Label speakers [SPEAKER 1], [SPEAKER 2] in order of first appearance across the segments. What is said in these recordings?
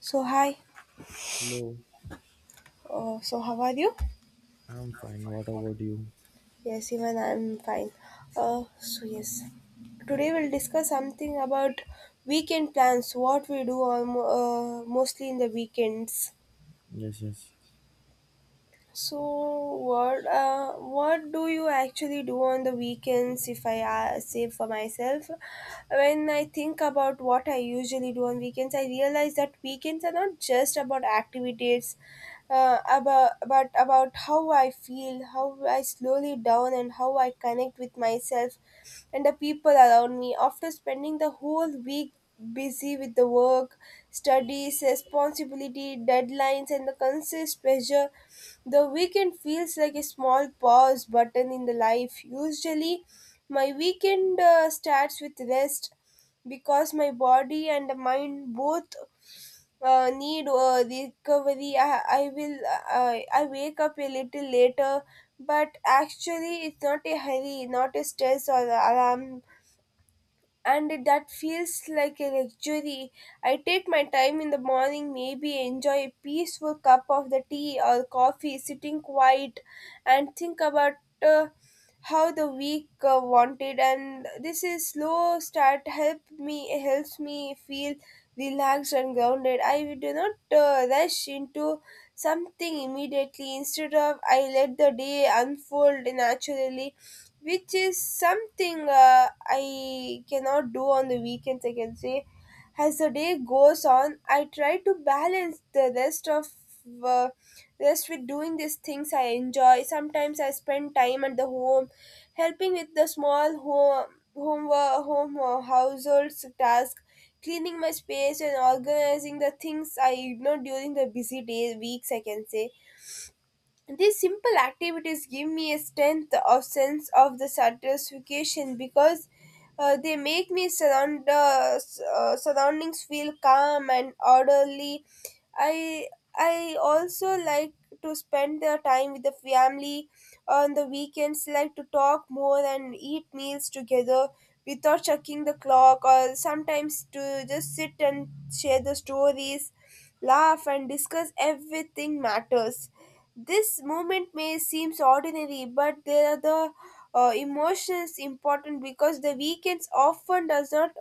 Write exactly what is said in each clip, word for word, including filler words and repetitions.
[SPEAKER 1] So hi,
[SPEAKER 2] Hello,
[SPEAKER 1] uh, so how are you?
[SPEAKER 2] I'm fine. What about you?
[SPEAKER 1] Yes, even I'm fine. Uh, so yes, today we'll discuss something about weekend plans. What we do on, uh, mostly in the weekends.
[SPEAKER 2] Yes, yes.
[SPEAKER 1] So what uh, what do you actually do on the weekends? If I uh, say for myself, when I think about what I usually do on weekends, I realize that weekends are not just about activities, uh, about, but about how I feel, how I slowly down and how I connect with myself and the people around me. After spending the whole week busy with the work, studies, responsibility, deadlines and the constant pressure, the weekend feels like a small pause button in the life. Usually, my weekend uh, starts with rest because my body and mind both uh, need uh, recovery. I, I will uh, I wake up a little later, but actually, it's not a hurry, not a stress or alarm, and it- that feels like a luxury. I take my time in the morning, maybe enjoy a peaceful cup of the tea or coffee, sitting quiet and think about uh, how the week uh, wanted. And this is slow start help me helps me feel relaxed and grounded. I do not uh, rush into something immediately. Instead of, I let the day unfold naturally, which is something uh, I cannot do on the weekends, I can say. As the day goes on, I try to balance the rest of uh, rest with doing these things I enjoy. Sometimes I spend time at the home, helping with the small home home home uh, household's task, cleaning my space and organizing the things I ignore during the busy day weeks, I can say. These simple activities give me a strength of sense of the satisfaction because uh, they make me surround uh, s- uh, surroundings feel calm and orderly. I I also like to spend the time with the family on the weekends. Like to talk more and eat meals together without checking the clock, or sometimes to just sit and share the stories, laugh and discuss everything matters. This movement may seem ordinary, but they are the uh, emotions important because the weekends often does not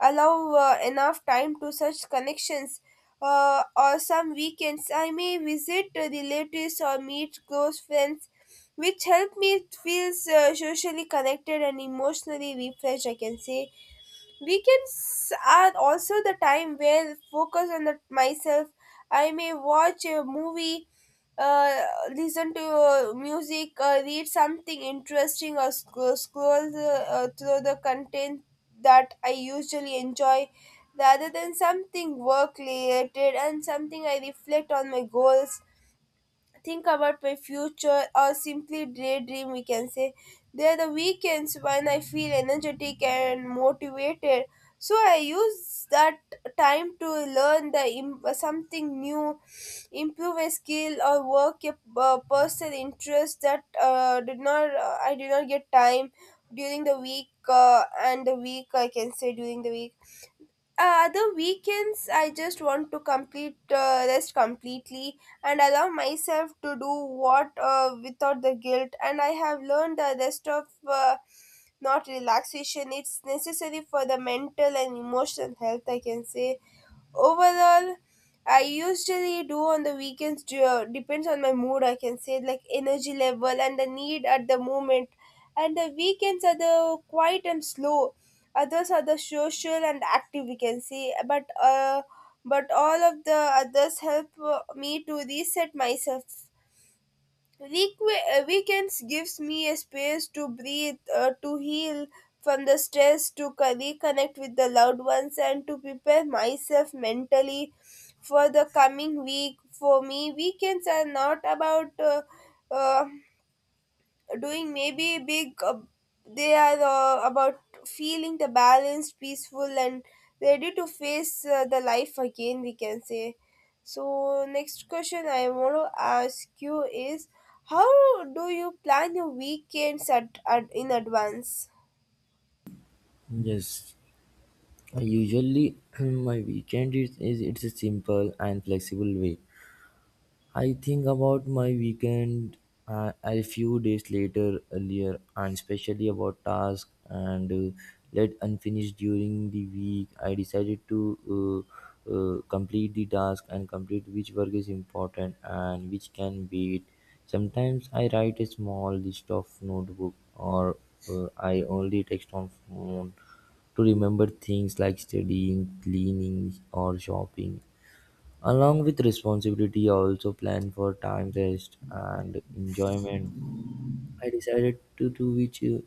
[SPEAKER 1] allow uh, enough time to such connections. Uh, or some weekends I may visit relatives or meet close friends, which help me feel uh, socially connected and emotionally refreshed, I can say. Weekends are also the time where focus on the, myself. I may watch a movie, uh, listen to uh, music, uh, read something interesting, or scroll, scroll the, uh, through the content that I usually enjoy, rather than something work related. And something I reflect on my goals, think about my future or simply daydream, we can say. They are the weekends when I feel energetic and motivated, so I use that time to learn the im- something new, improve a skill or work a uh, personal interest that uh, did not uh, I did not get time during the week. Uh, and the week I can say During the week, uh, the weekends I just want to complete uh, rest completely and allow myself to do what, uh, without the guilt. And I have learned the rest of, uh, not relaxation, it's necessary for the mental and emotional health, I can say. Overall, I usually do on the weekends, de- depends on my mood, I can say, like energy level and the need at the moment. And the weekends are the quiet and slow. Others are the social and active, we can say. But uh, but all of the others help uh, me to reset myself. Week- Weekends gives me a space to breathe, uh, to heal from the stress, to co- reconnect with the loved ones, and to prepare myself mentally for the coming week. For me, weekends are not about uh, uh, doing maybe big, uh, they are uh, about feeling the balanced, peaceful and ready to face uh, the life again, we can say. So next question I want to ask you is, how do you plan your weekends at, at in advance?
[SPEAKER 2] Yes, I usually my weekend is, is it's a simple and flexible way. I think about my weekend uh, a few days later, earlier, and especially about tasks and uh, let unfinished during the week. I decided to uh, uh, complete the task and complete which work is important and which can wait. Sometimes I write a small list of notebook or uh, I only text on phone to remember things like studying, cleaning, or shopping. Along with responsibility, I also plan for time, rest, and enjoyment. I decided to do which uh,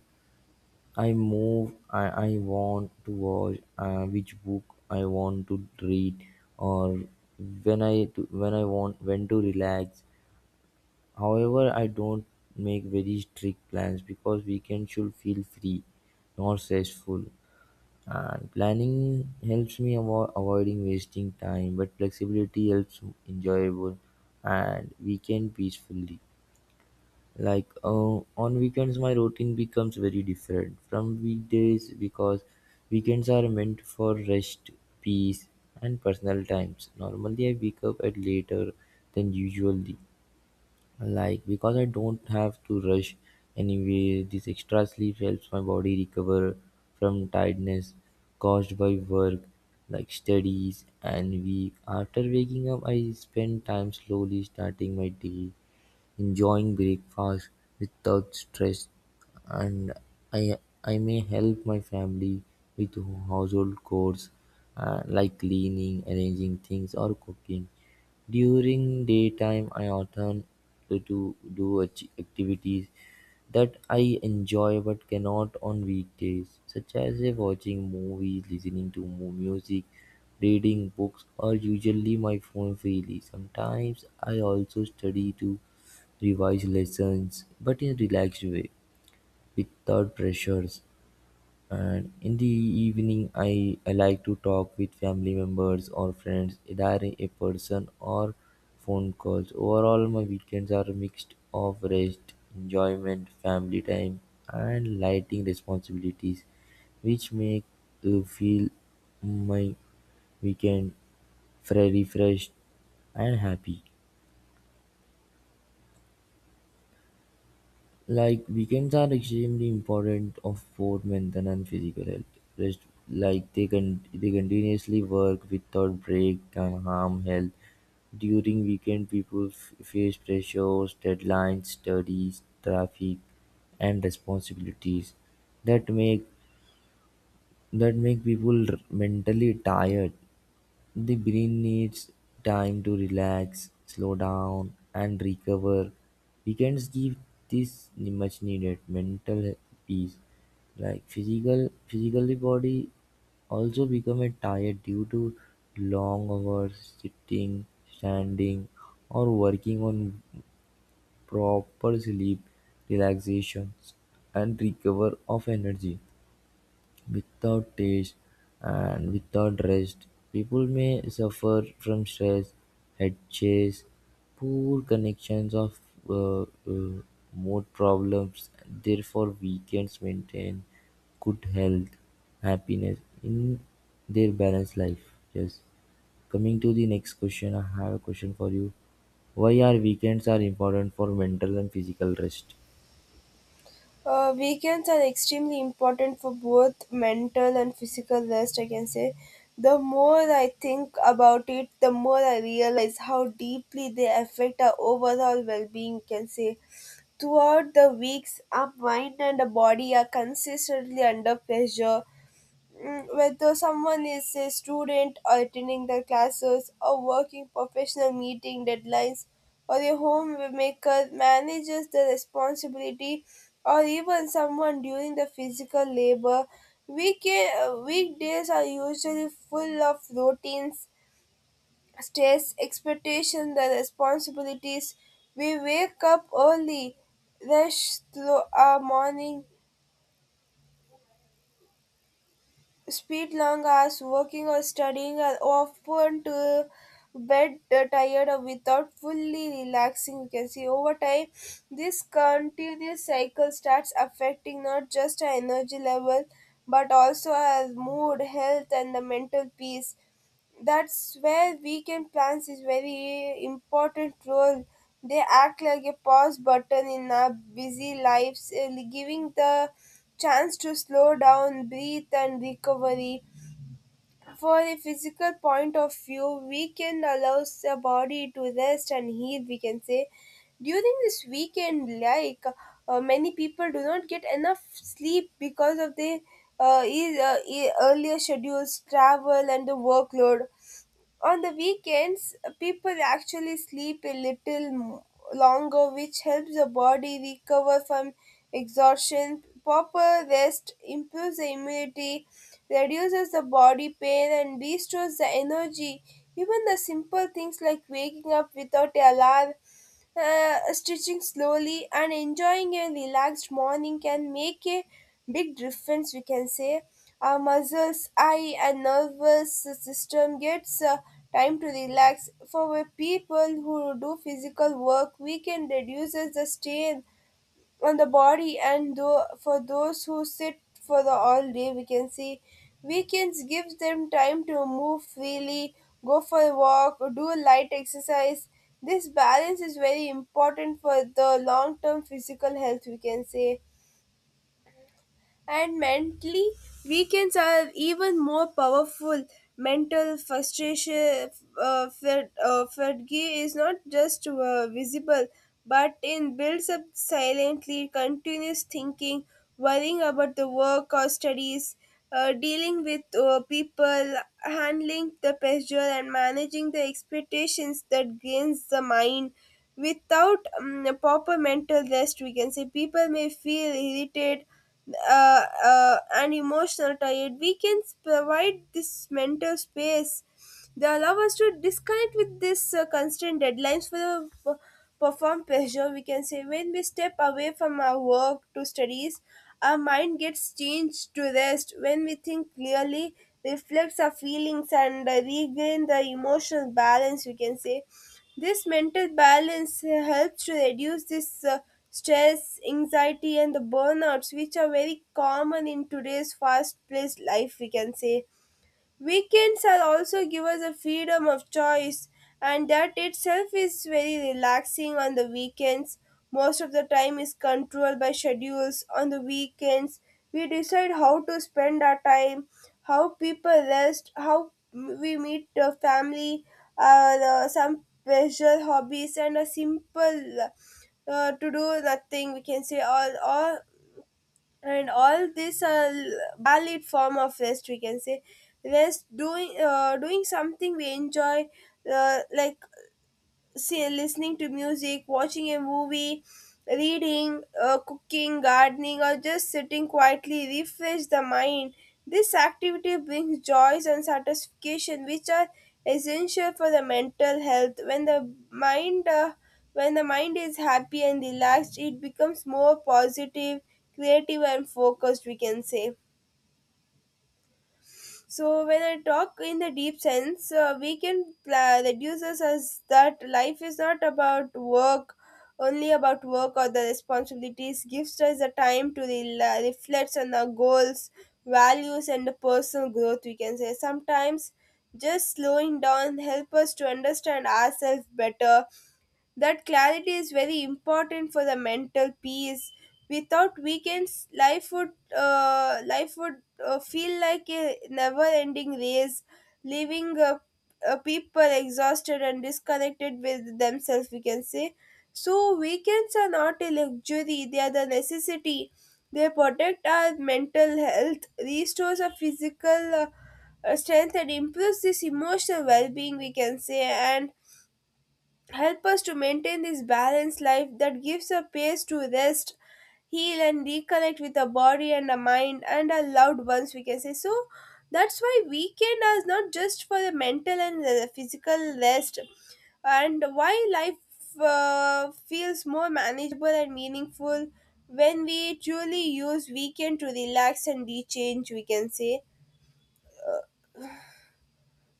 [SPEAKER 2] I move I, I want to watch, uh, which book I want to read, or when I to, when I want when to relax. However, I don't make very strict plans because weekend should feel free, not stressful. And planning helps me avo- avoiding wasting time, but flexibility helps enjoyable and weekend peacefully. Like uh, on weekends, my routine becomes very different from weekdays because weekends are meant for rest, peace, and personal times. Normally, I wake up at later than usually, like, because I don't have to rush anyway, this extra sleep helps my body recover from tiredness caused by work, like studies and week. After waking up, I spend time slowly starting my day, enjoying breakfast without stress, and I I may help my family with household chores uh, like cleaning, arranging things, or cooking. During daytime I often to do do ach- activities that I enjoy but cannot on weekdays, such as uh, watching movies, listening to mu- music, reading books, or usually my phone freely. Sometimes I also study to revise lessons, but in a relaxed way, without pressures. And in the evening, I, I like to talk with family members or friends, either a person or phone calls. Overall, my weekends are a mix of rest, enjoyment, family time, and lighting responsibilities, which make you feel my weekend very refreshed and happy. Like weekends are extremely important of for mental and physical health. Rest like they can they continuously work without break can harm health. During weekend, people f- face pressures, deadlines, studies, traffic, and responsibilities that make that make people r- mentally tired. The brain needs time to relax, slow down, and recover. Weekends give this much needed mental he- peace. Like physical, physically body also become a tired due to long hours sitting, standing, or working on proper sleep, relaxations, and recover of energy. Without taste and without rest, people may suffer from stress, headaches, poor connections of uh, uh, mood problems. Therefore, weekends maintain good health, happiness in their balanced life. Yes. Coming to the next question, I have a question for you. Why are weekends are important for mental and physical rest?
[SPEAKER 1] Uh, weekends are extremely important for both mental and physical rest, I can say. The more I think about it, the more I realize how deeply they affect our overall well being, can say. Throughout the weeks, our mind and our body are consistently under pressure. Mm, whether someone is a student attending their classes or working professional meeting deadlines, or a homemaker manages the responsibility, or even someone during the physical labor, weekend, weekdays are usually full of routines, stress, expectation, the responsibilities. We wake up early, rush through our morning, spent long hours working or studying, are often to bed uh, tired or without fully relaxing. We can see over time this continuous cycle starts affecting not just our energy level, but also our mood, health and the mental peace. That's where weekend plans is very important role. They act like a pause button in our busy lives, uh, giving the chance to slow down, breathe, and recovery. For a physical point of view, weekend allows the body to rest and heal, we can say. During this weekend, like, uh, many people do not get enough sleep because of the uh, e- uh, e- earlier schedules, travel, and the workload. On the weekends, people actually sleep a little m- longer, which helps the body recover from exhaustion. Proper rest improves the immunity, reduces the body pain, and restores the energy. Even the simple things like waking up without a alarm, uh, stitching slowly and enjoying a relaxed morning can make a big difference, we can say. Our muscles, eye and nervous system gets uh, time to relax. For the people who do physical work, we can reduce the strain on the body, and though for those who sit for the all day, we can see weekends gives them time to move freely, go for a walk or do light exercise. This balance is very important for the long term physical health, we can say. And mentally, weekends are even more powerful. Mental frustration, uh, fat- uh, fatigue is not just uh, visible, but it builds up silently. Continuous thinking, worrying about the work or studies, uh, dealing with uh, people, handling the pressure, and managing the expectations that gains the mind. Without um, proper mental rest, we can say people may feel irritated uh, uh, and emotional tired. Weekends provide this mental space. They allow us to disconnect with this uh, constant deadlines, for the per- perform pressure, we can say. When we step away from our work to studies, our mind gets changed to rest, when we think clearly, reflects our feelings and uh, regain the emotional balance, we can say. This mental balance uh, helps to reduce this uh, stress, anxiety, and the burnouts, which are very common in today's fast-paced life, we can say. Weekends are also give us a freedom of choice, and that itself is very relaxing. On the weekends, most of the time is controlled by schedules. On the weekends, we decide how to spend our time, how people rest, how we meet the family, uh, the, some pleasure hobbies, and a simple uh, to do nothing, we can say. All all And all this are valid form of rest, we can say. Rest doing uh, doing something we enjoy, uh, like see, listening to music, watching a movie, reading, uh, cooking, gardening, or just sitting quietly refresh the mind. This activity brings joys and satisfaction, which are essential for the mental health. When the mind, uh, when the mind is happy and relaxed, it becomes more positive, creative, and focused, we can say. So when I talk in the deep sense, uh, we can pla- reduces us as that life is not about work, only about work or the responsibilities. Gives us the time to rela reflect on our goals, values, and the personal growth, we can say. Sometimes just slowing down help us to understand ourselves better. That clarity is very important for the mental peace. Without weekends, life would uh, life would uh, feel like a never-ending race, leaving uh, uh, people exhausted and disconnected with themselves, we can say. So weekends are not a luxury; they are the necessity. They protect our mental health, restores our physical uh, uh, strength, and improves this emotional well-being, we can say. And help us to maintain this balanced life that gives a pace to rest, heal and reconnect with our body and our mind and our loved ones, we can say. So that's why weekend is not just for the mental and the physical rest, and why life uh, feels more manageable and meaningful when we truly use weekend to relax and rechange, we can say.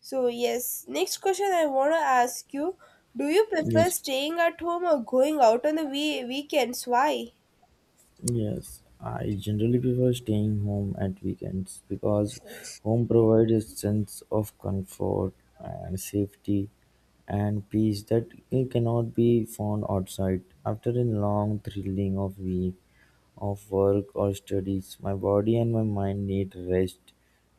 [SPEAKER 1] So, yes, next question I want to ask you, do you prefer
[SPEAKER 2] Yes.
[SPEAKER 1] staying at home or going out on the we- weekends? Why?
[SPEAKER 2] Yes, I generally prefer staying home at weekends because home provides a sense of comfort and safety and peace that it cannot be found outside. After a long thrilling of week of work or studies, my body and my mind need rest,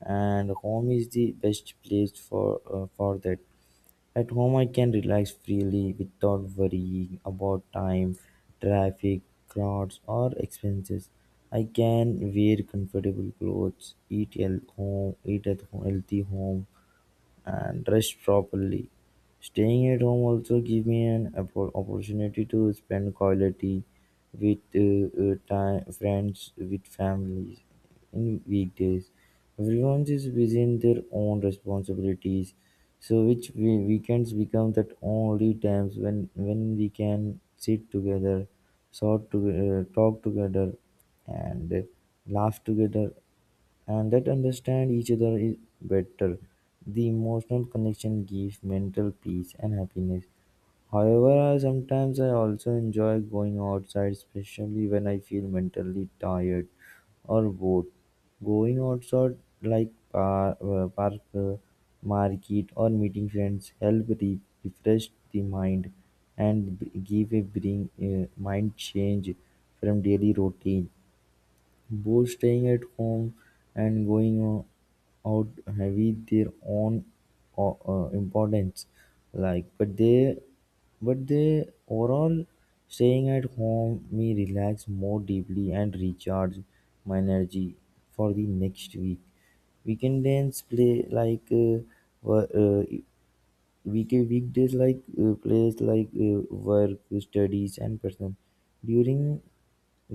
[SPEAKER 2] and home is the best place for uh, for that. At home, I can relax freely without worrying about time, traffic, crowds, or expenses. I can wear comfortable clothes, eat, at home, eat at home, healthy home, and rest properly. Staying at home also give me an oppo- opportunity to spend quality with uh, uh, time, friends, with families. In weekdays, everyone is busy in their own responsibilities, so which we, weekends become that only times when when we can sit together, sort to uh, talk together, and laugh together and that understand each other is better. The emotional connection gives mental peace and happiness. However, I- sometimes I also enjoy going outside, especially when I feel mentally tired or bored. Going outside, like par- uh, park, uh, market, or meeting friends, help re- refresh the mind and b- give a bring uh, mind change from daily routine. Both staying at home and going o- out have their own o- uh, importance, like but they but they overall staying at home me relax more deeply and recharge my energy for the next week. Weekends play like uh, wo- uh, week weekdays like uh, plays like uh, work, studies, and personal during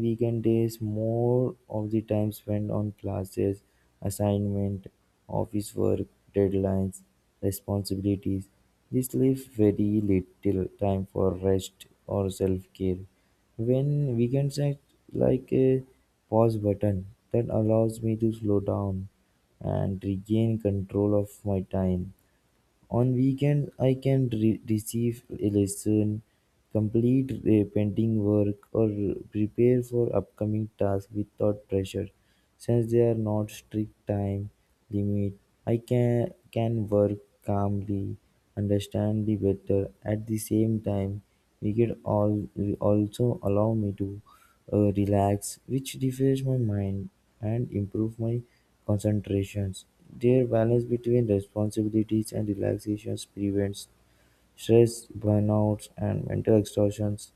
[SPEAKER 2] Weekend days more of the time spent on classes, assignment, office work, deadlines, responsibilities. This leaves very little time for rest or self-care. When weekends act like a pause button that allows me to slow down and regain control of my time. On weekends I can re- receive a lesson, complete uh, painting work or prepare for upcoming tasks without pressure. Since there are not strict time limit, I can can work calmly, understand the better. At the same time, we can all also allow me to uh, relax, which refresh my mind and improve my concentrations. Their balance between responsibilities and relaxations prevents stress, burnouts, and mental exhaustions.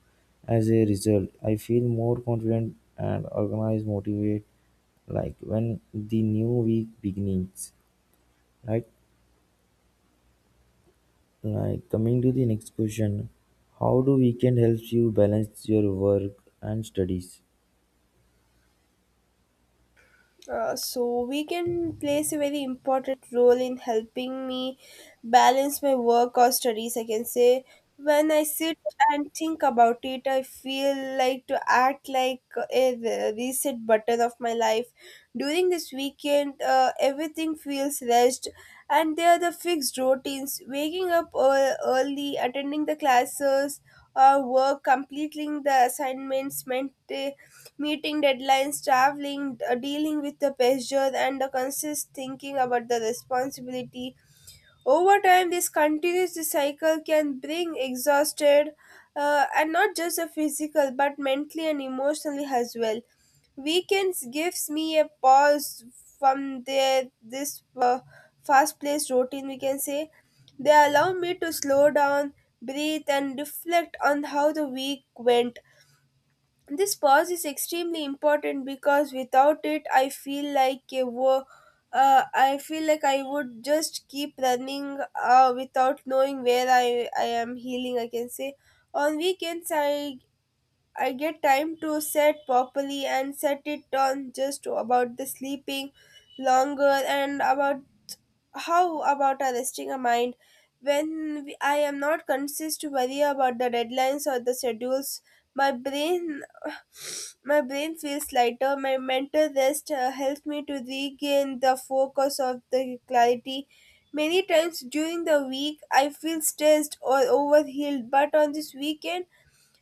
[SPEAKER 2] As a result, I feel more confident and organized, motivated like when the new week begins right. Like coming to the next question, how do weekend helps you balance your work and studies?
[SPEAKER 1] Uh, so weekend plays a very important role in helping me balance my work or studies, I can say. When I sit and think about it, I feel like to act like a re- reset button of my life. During this weekend, uh, everything feels rushed, and there are the fixed routines: waking up ear- early, attending the classes or work, completing the assignments, meant eh, meeting deadlines, traveling, uh, dealing with the pressure, and the conscious thinking about the responsibility. Over time, this continuous cycle can bring exhausted, uh, and not just the physical, but mentally and emotionally as well. Weekends gives me a pause from their this uh, fast-paced routine, we can say. They allow me to slow down, breathe, and reflect on how the week went. This pause is extremely important because without it, I feel like a wo- uh, I feel like I would just keep running, uh, without knowing where I, I am healing, I can say. On weekends, I I get time to set properly and set it on just about the sleeping longer and about how about arresting a mind. When we- I am not conscious to worry about the deadlines or the schedules, my brain my brain feels lighter. My mental rest uh, helps me to regain the focus of the clarity. Many times during the week, I feel stressed or overhealed, but on this weekend,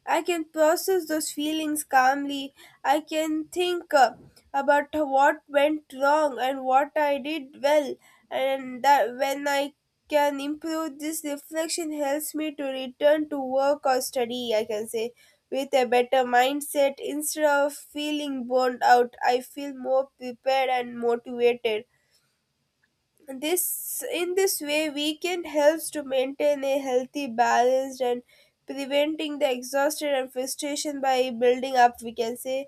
[SPEAKER 1] I can process those feelings calmly. I can think uh, about what went wrong and what I did well, and that when I can improve. This reflection helps me to return to work or study, I can say. With a better mindset, instead of feeling burned out, I feel more prepared and motivated. This in this way weekend helps to maintain a healthy balance and preventing the exhaustion and frustration by building up, we can say.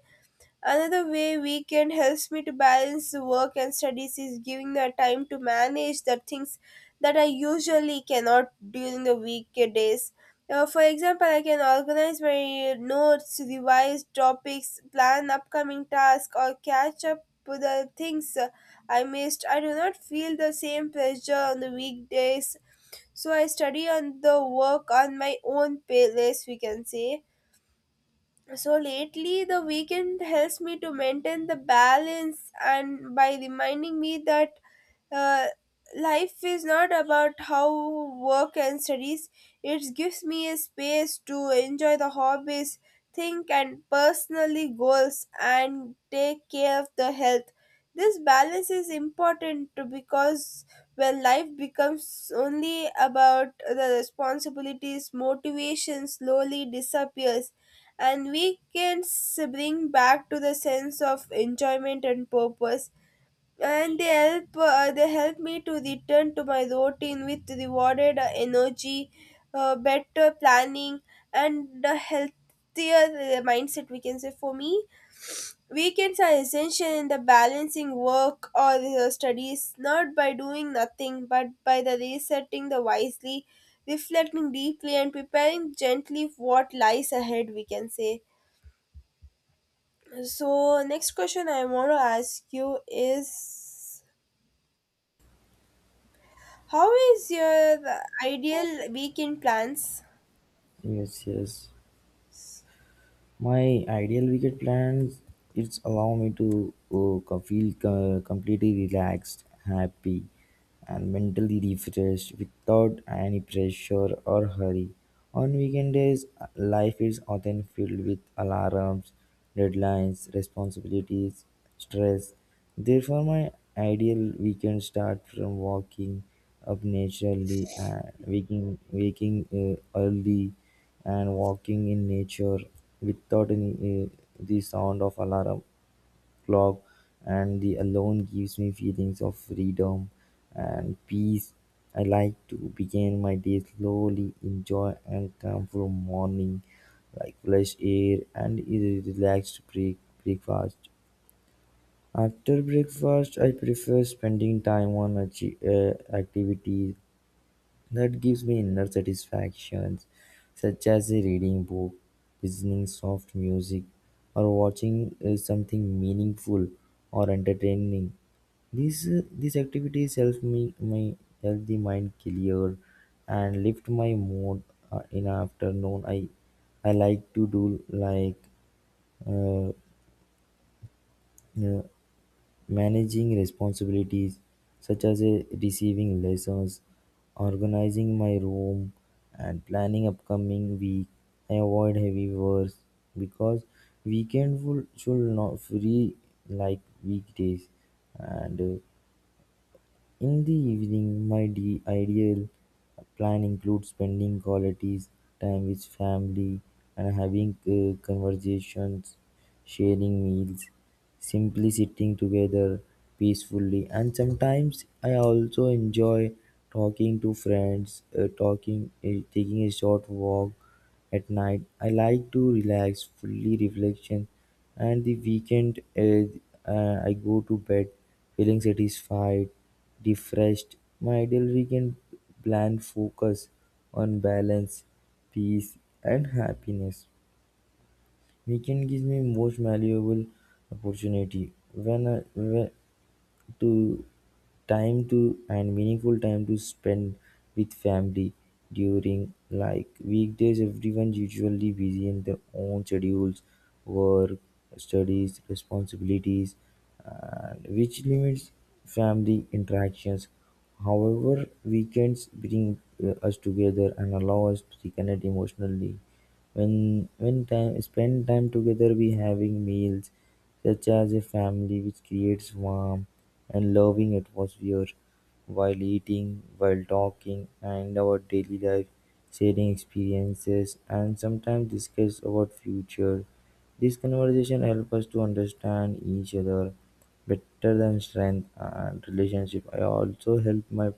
[SPEAKER 1] Another way weekend helps me to balance the work and studies is giving the time to manage the things that I usually cannot during the weekdays. Uh, for example, I can organize my notes, revise topics, plan upcoming tasks, or catch up with the things uh, I missed. I do not feel the same pressure on the weekdays, so I study on the work on my own pace, we can say. So lately the weekend helps me to maintain the balance and by reminding me that uh, life is not about how work and studies. It gives me a space to enjoy the hobbies, think and personally goals, and take care of the health. This balance is important to- because when life becomes only about the responsibilities, motivation slowly disappears, and weekends bring back to the sense of enjoyment and purpose, and they help uh, they help me to return to my routine with rewarded uh, energy, uh, better planning, and a healthier uh, mindset, we can say. For me, weekends are essential in the balancing work or uh, studies, not by doing nothing but by the resetting the wisely, reflecting deeply, and preparing gently for what lies ahead, we can say. So next question I want to ask you is, how is your ideal weekend plans?
[SPEAKER 2] Yes, yes. My ideal weekend plans it's allow me to uh, co- feel co- completely relaxed, happy, and mentally refreshed without any pressure or hurry. On weekend days, life is often filled with alarms, deadlines, responsibilities, stress. Therefore, my ideal weekend start from walking up naturally and waking waking uh, early and walking in nature without any, uh, the sound of alarm clock and the alone gives me feelings of freedom and peace. I like to begin my day slowly enjoy and calmful morning like fresh air and a relaxed break, breakfast. After breakfast, I prefer spending time on achi- uh, activities that gives me inner satisfactions, such as a reading book, listening soft music, or watching uh, something meaningful or entertaining. These uh, these activities help me my help the mind clear and lift my mood uh, in afternoon. I I like to do like uh, uh, Managing responsibilities such as uh, receiving lessons, organizing my room, and planning upcoming week. I avoid heavy work because weekend full- should not free like weekdays and uh, in the evening, my de- ideal plan includes spending quality time with family and having uh, conversations, sharing meals, simply sitting together peacefully. And sometimes I also enjoy talking to friends, uh, talking, uh, taking a short walk at night. I like to relax, fully reflection and the weekend uh, uh, I go to bed feeling satisfied, refreshed. My ideal weekend plan focus on balance, peace and happiness. Weekend gives me most valuable opportunity when I, when to time to and meaningful time to spend with family during like weekdays everyone's usually busy in their own schedules, work, studies, responsibilities, and which limits family interactions. However, weekends bring uh, us together and allow us to reconnect emotionally when when time spend time together we having meals such as a family which creates warm and loving atmosphere while eating, while talking, and our daily life, sharing experiences, and sometimes discuss about future. This conversation help us to understand each other better than strength and relationship. I also help my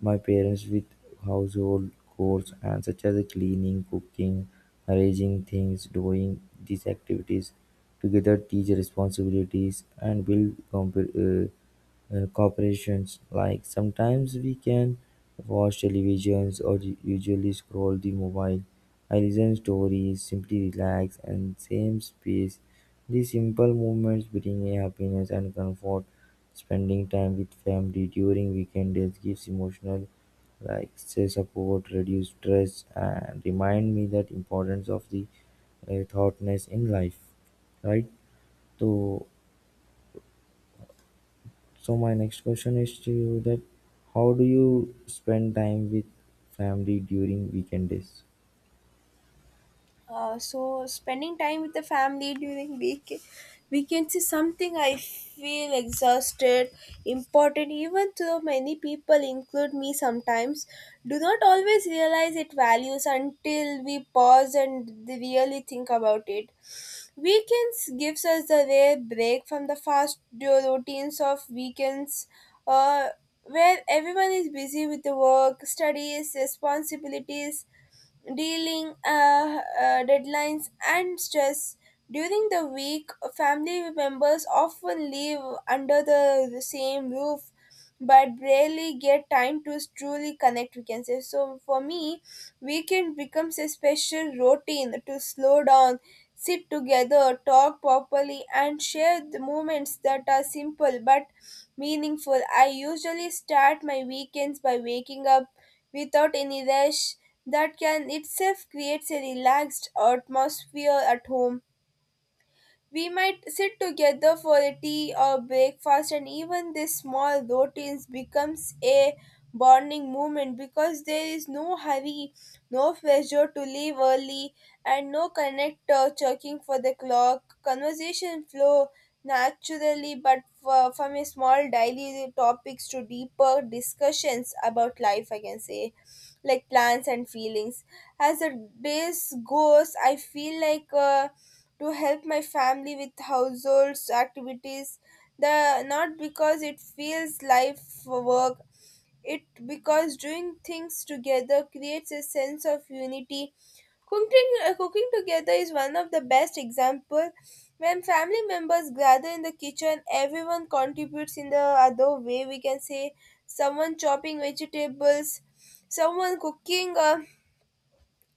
[SPEAKER 2] my parents with household chores and such as cleaning, cooking, arranging things, doing these activities together teach responsibilities and build comp- uh, uh, corporations like sometimes we can watch televisions or u- usually scroll the mobile. I listen stories simply relax and same space. These simple movements bring a happiness and comfort. Spending time with family during weekends gives emotional access, support, reduced stress, and remind me that importance of the uh, thoughtness in life. Right? So, so my next question is to you that how do you spend time with family during weekdays?
[SPEAKER 1] Uh, so spending time with the family during week weekends is something I feel exhausted, important, even though many people include me sometimes do not always realize it values until we pause and really think about it. Weekends gives us a rare break from the fast do- routines of weekends, uh, where everyone is busy with the work, studies, responsibilities, dealing uh, uh, deadlines and stress. During the week, family members often live under the, the same roof but rarely get time to truly connect, we can say. So for me, weekend becomes a special routine to slow down, sit together, talk properly, and share the moments that are simple but meaningful. I usually start my weekends by waking up without any rush. That can itself creates a relaxed atmosphere at home. We might sit together for a tea or breakfast, and even this small routines becomes a bonding moment because there is no hurry, no pressure to leave early, and no connector checking for the clock. Conversation flow naturally, but f- from a small daily topics to deeper discussions about life, I can say, like plans and feelings. As the days goes, I feel like. Uh, to help my family with household activities, the not because it feels life for work, it because doing things together creates a sense of unity. Cooking uh, cooking together is one of the best example. When family members gather in the kitchen, everyone contributes in the other way, we can say. Someone chopping vegetables, someone cooking, uh,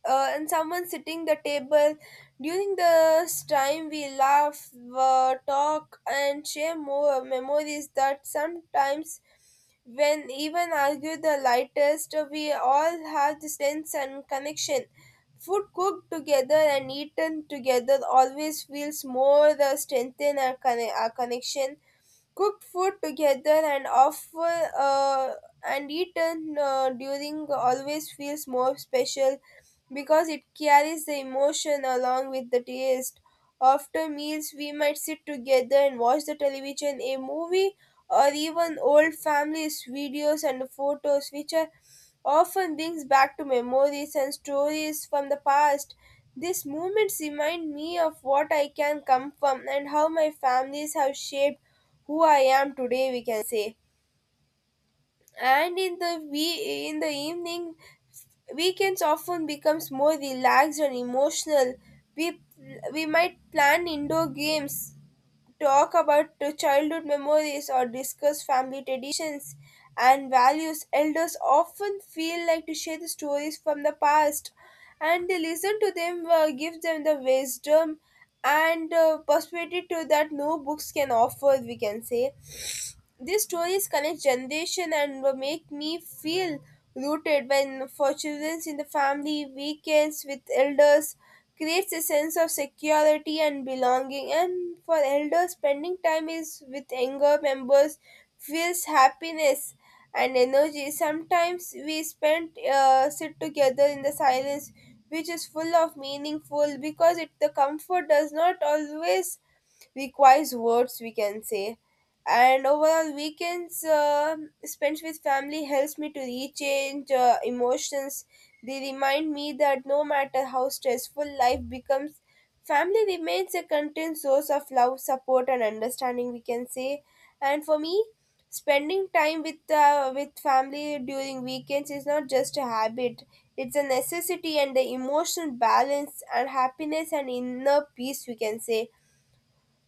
[SPEAKER 1] uh, and someone sitting the table. During this time we laugh, uh, talk, and share more memories, that sometimes when even argue the lightest we all have the sense and connection. Food cooked together and eaten together always feels more the strengthen our, conne- our connection. Cooked food together and often, uh, and eaten uh, during, always feels more special because it carries the emotion along with the taste. After meals, we might sit together and watch the television, a movie, or even old families' videos and photos, which are often brings back to memories and stories from the past. These moments remind me of what I can come from and how my families have shaped who I am today, we can say. And in the we in the evening, weekends often becomes more relaxed and emotional. We we might plan indoor games, talk about the childhood memories, or discuss family traditions and values. Elders often feel like to share the stories from the past, and they listen to them, uh, give them the wisdom and uh, perspective to that no books can offer, we can say. These stories connect generation and will make me feel rooted. When for children in the family, weekends with elders creates a sense of security and belonging, and for elders spending time is with younger members feels happiness and energy. Sometimes we spend uh, sit together in the silence, which is full of meaningful because it the comfort does not always requires words, we can say. And overall weekends uh, spent with family helps me to rechange uh, emotions. They remind me that no matter how stressful life becomes, family remains a constant source of love, support, and understanding, we can say. And for me, spending time with uh, with family during weekends is not just a habit, it's a necessity and the emotional balance and happiness and inner peace, we can say.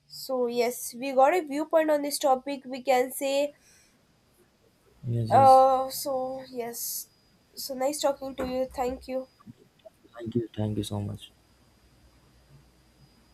[SPEAKER 1] So yes, we got a viewpoint on this topic, we can say.
[SPEAKER 2] Yes, yes.
[SPEAKER 1] uh, so yes, so nice talking to you. Thank you.
[SPEAKER 2] Thank you. Thank you so much.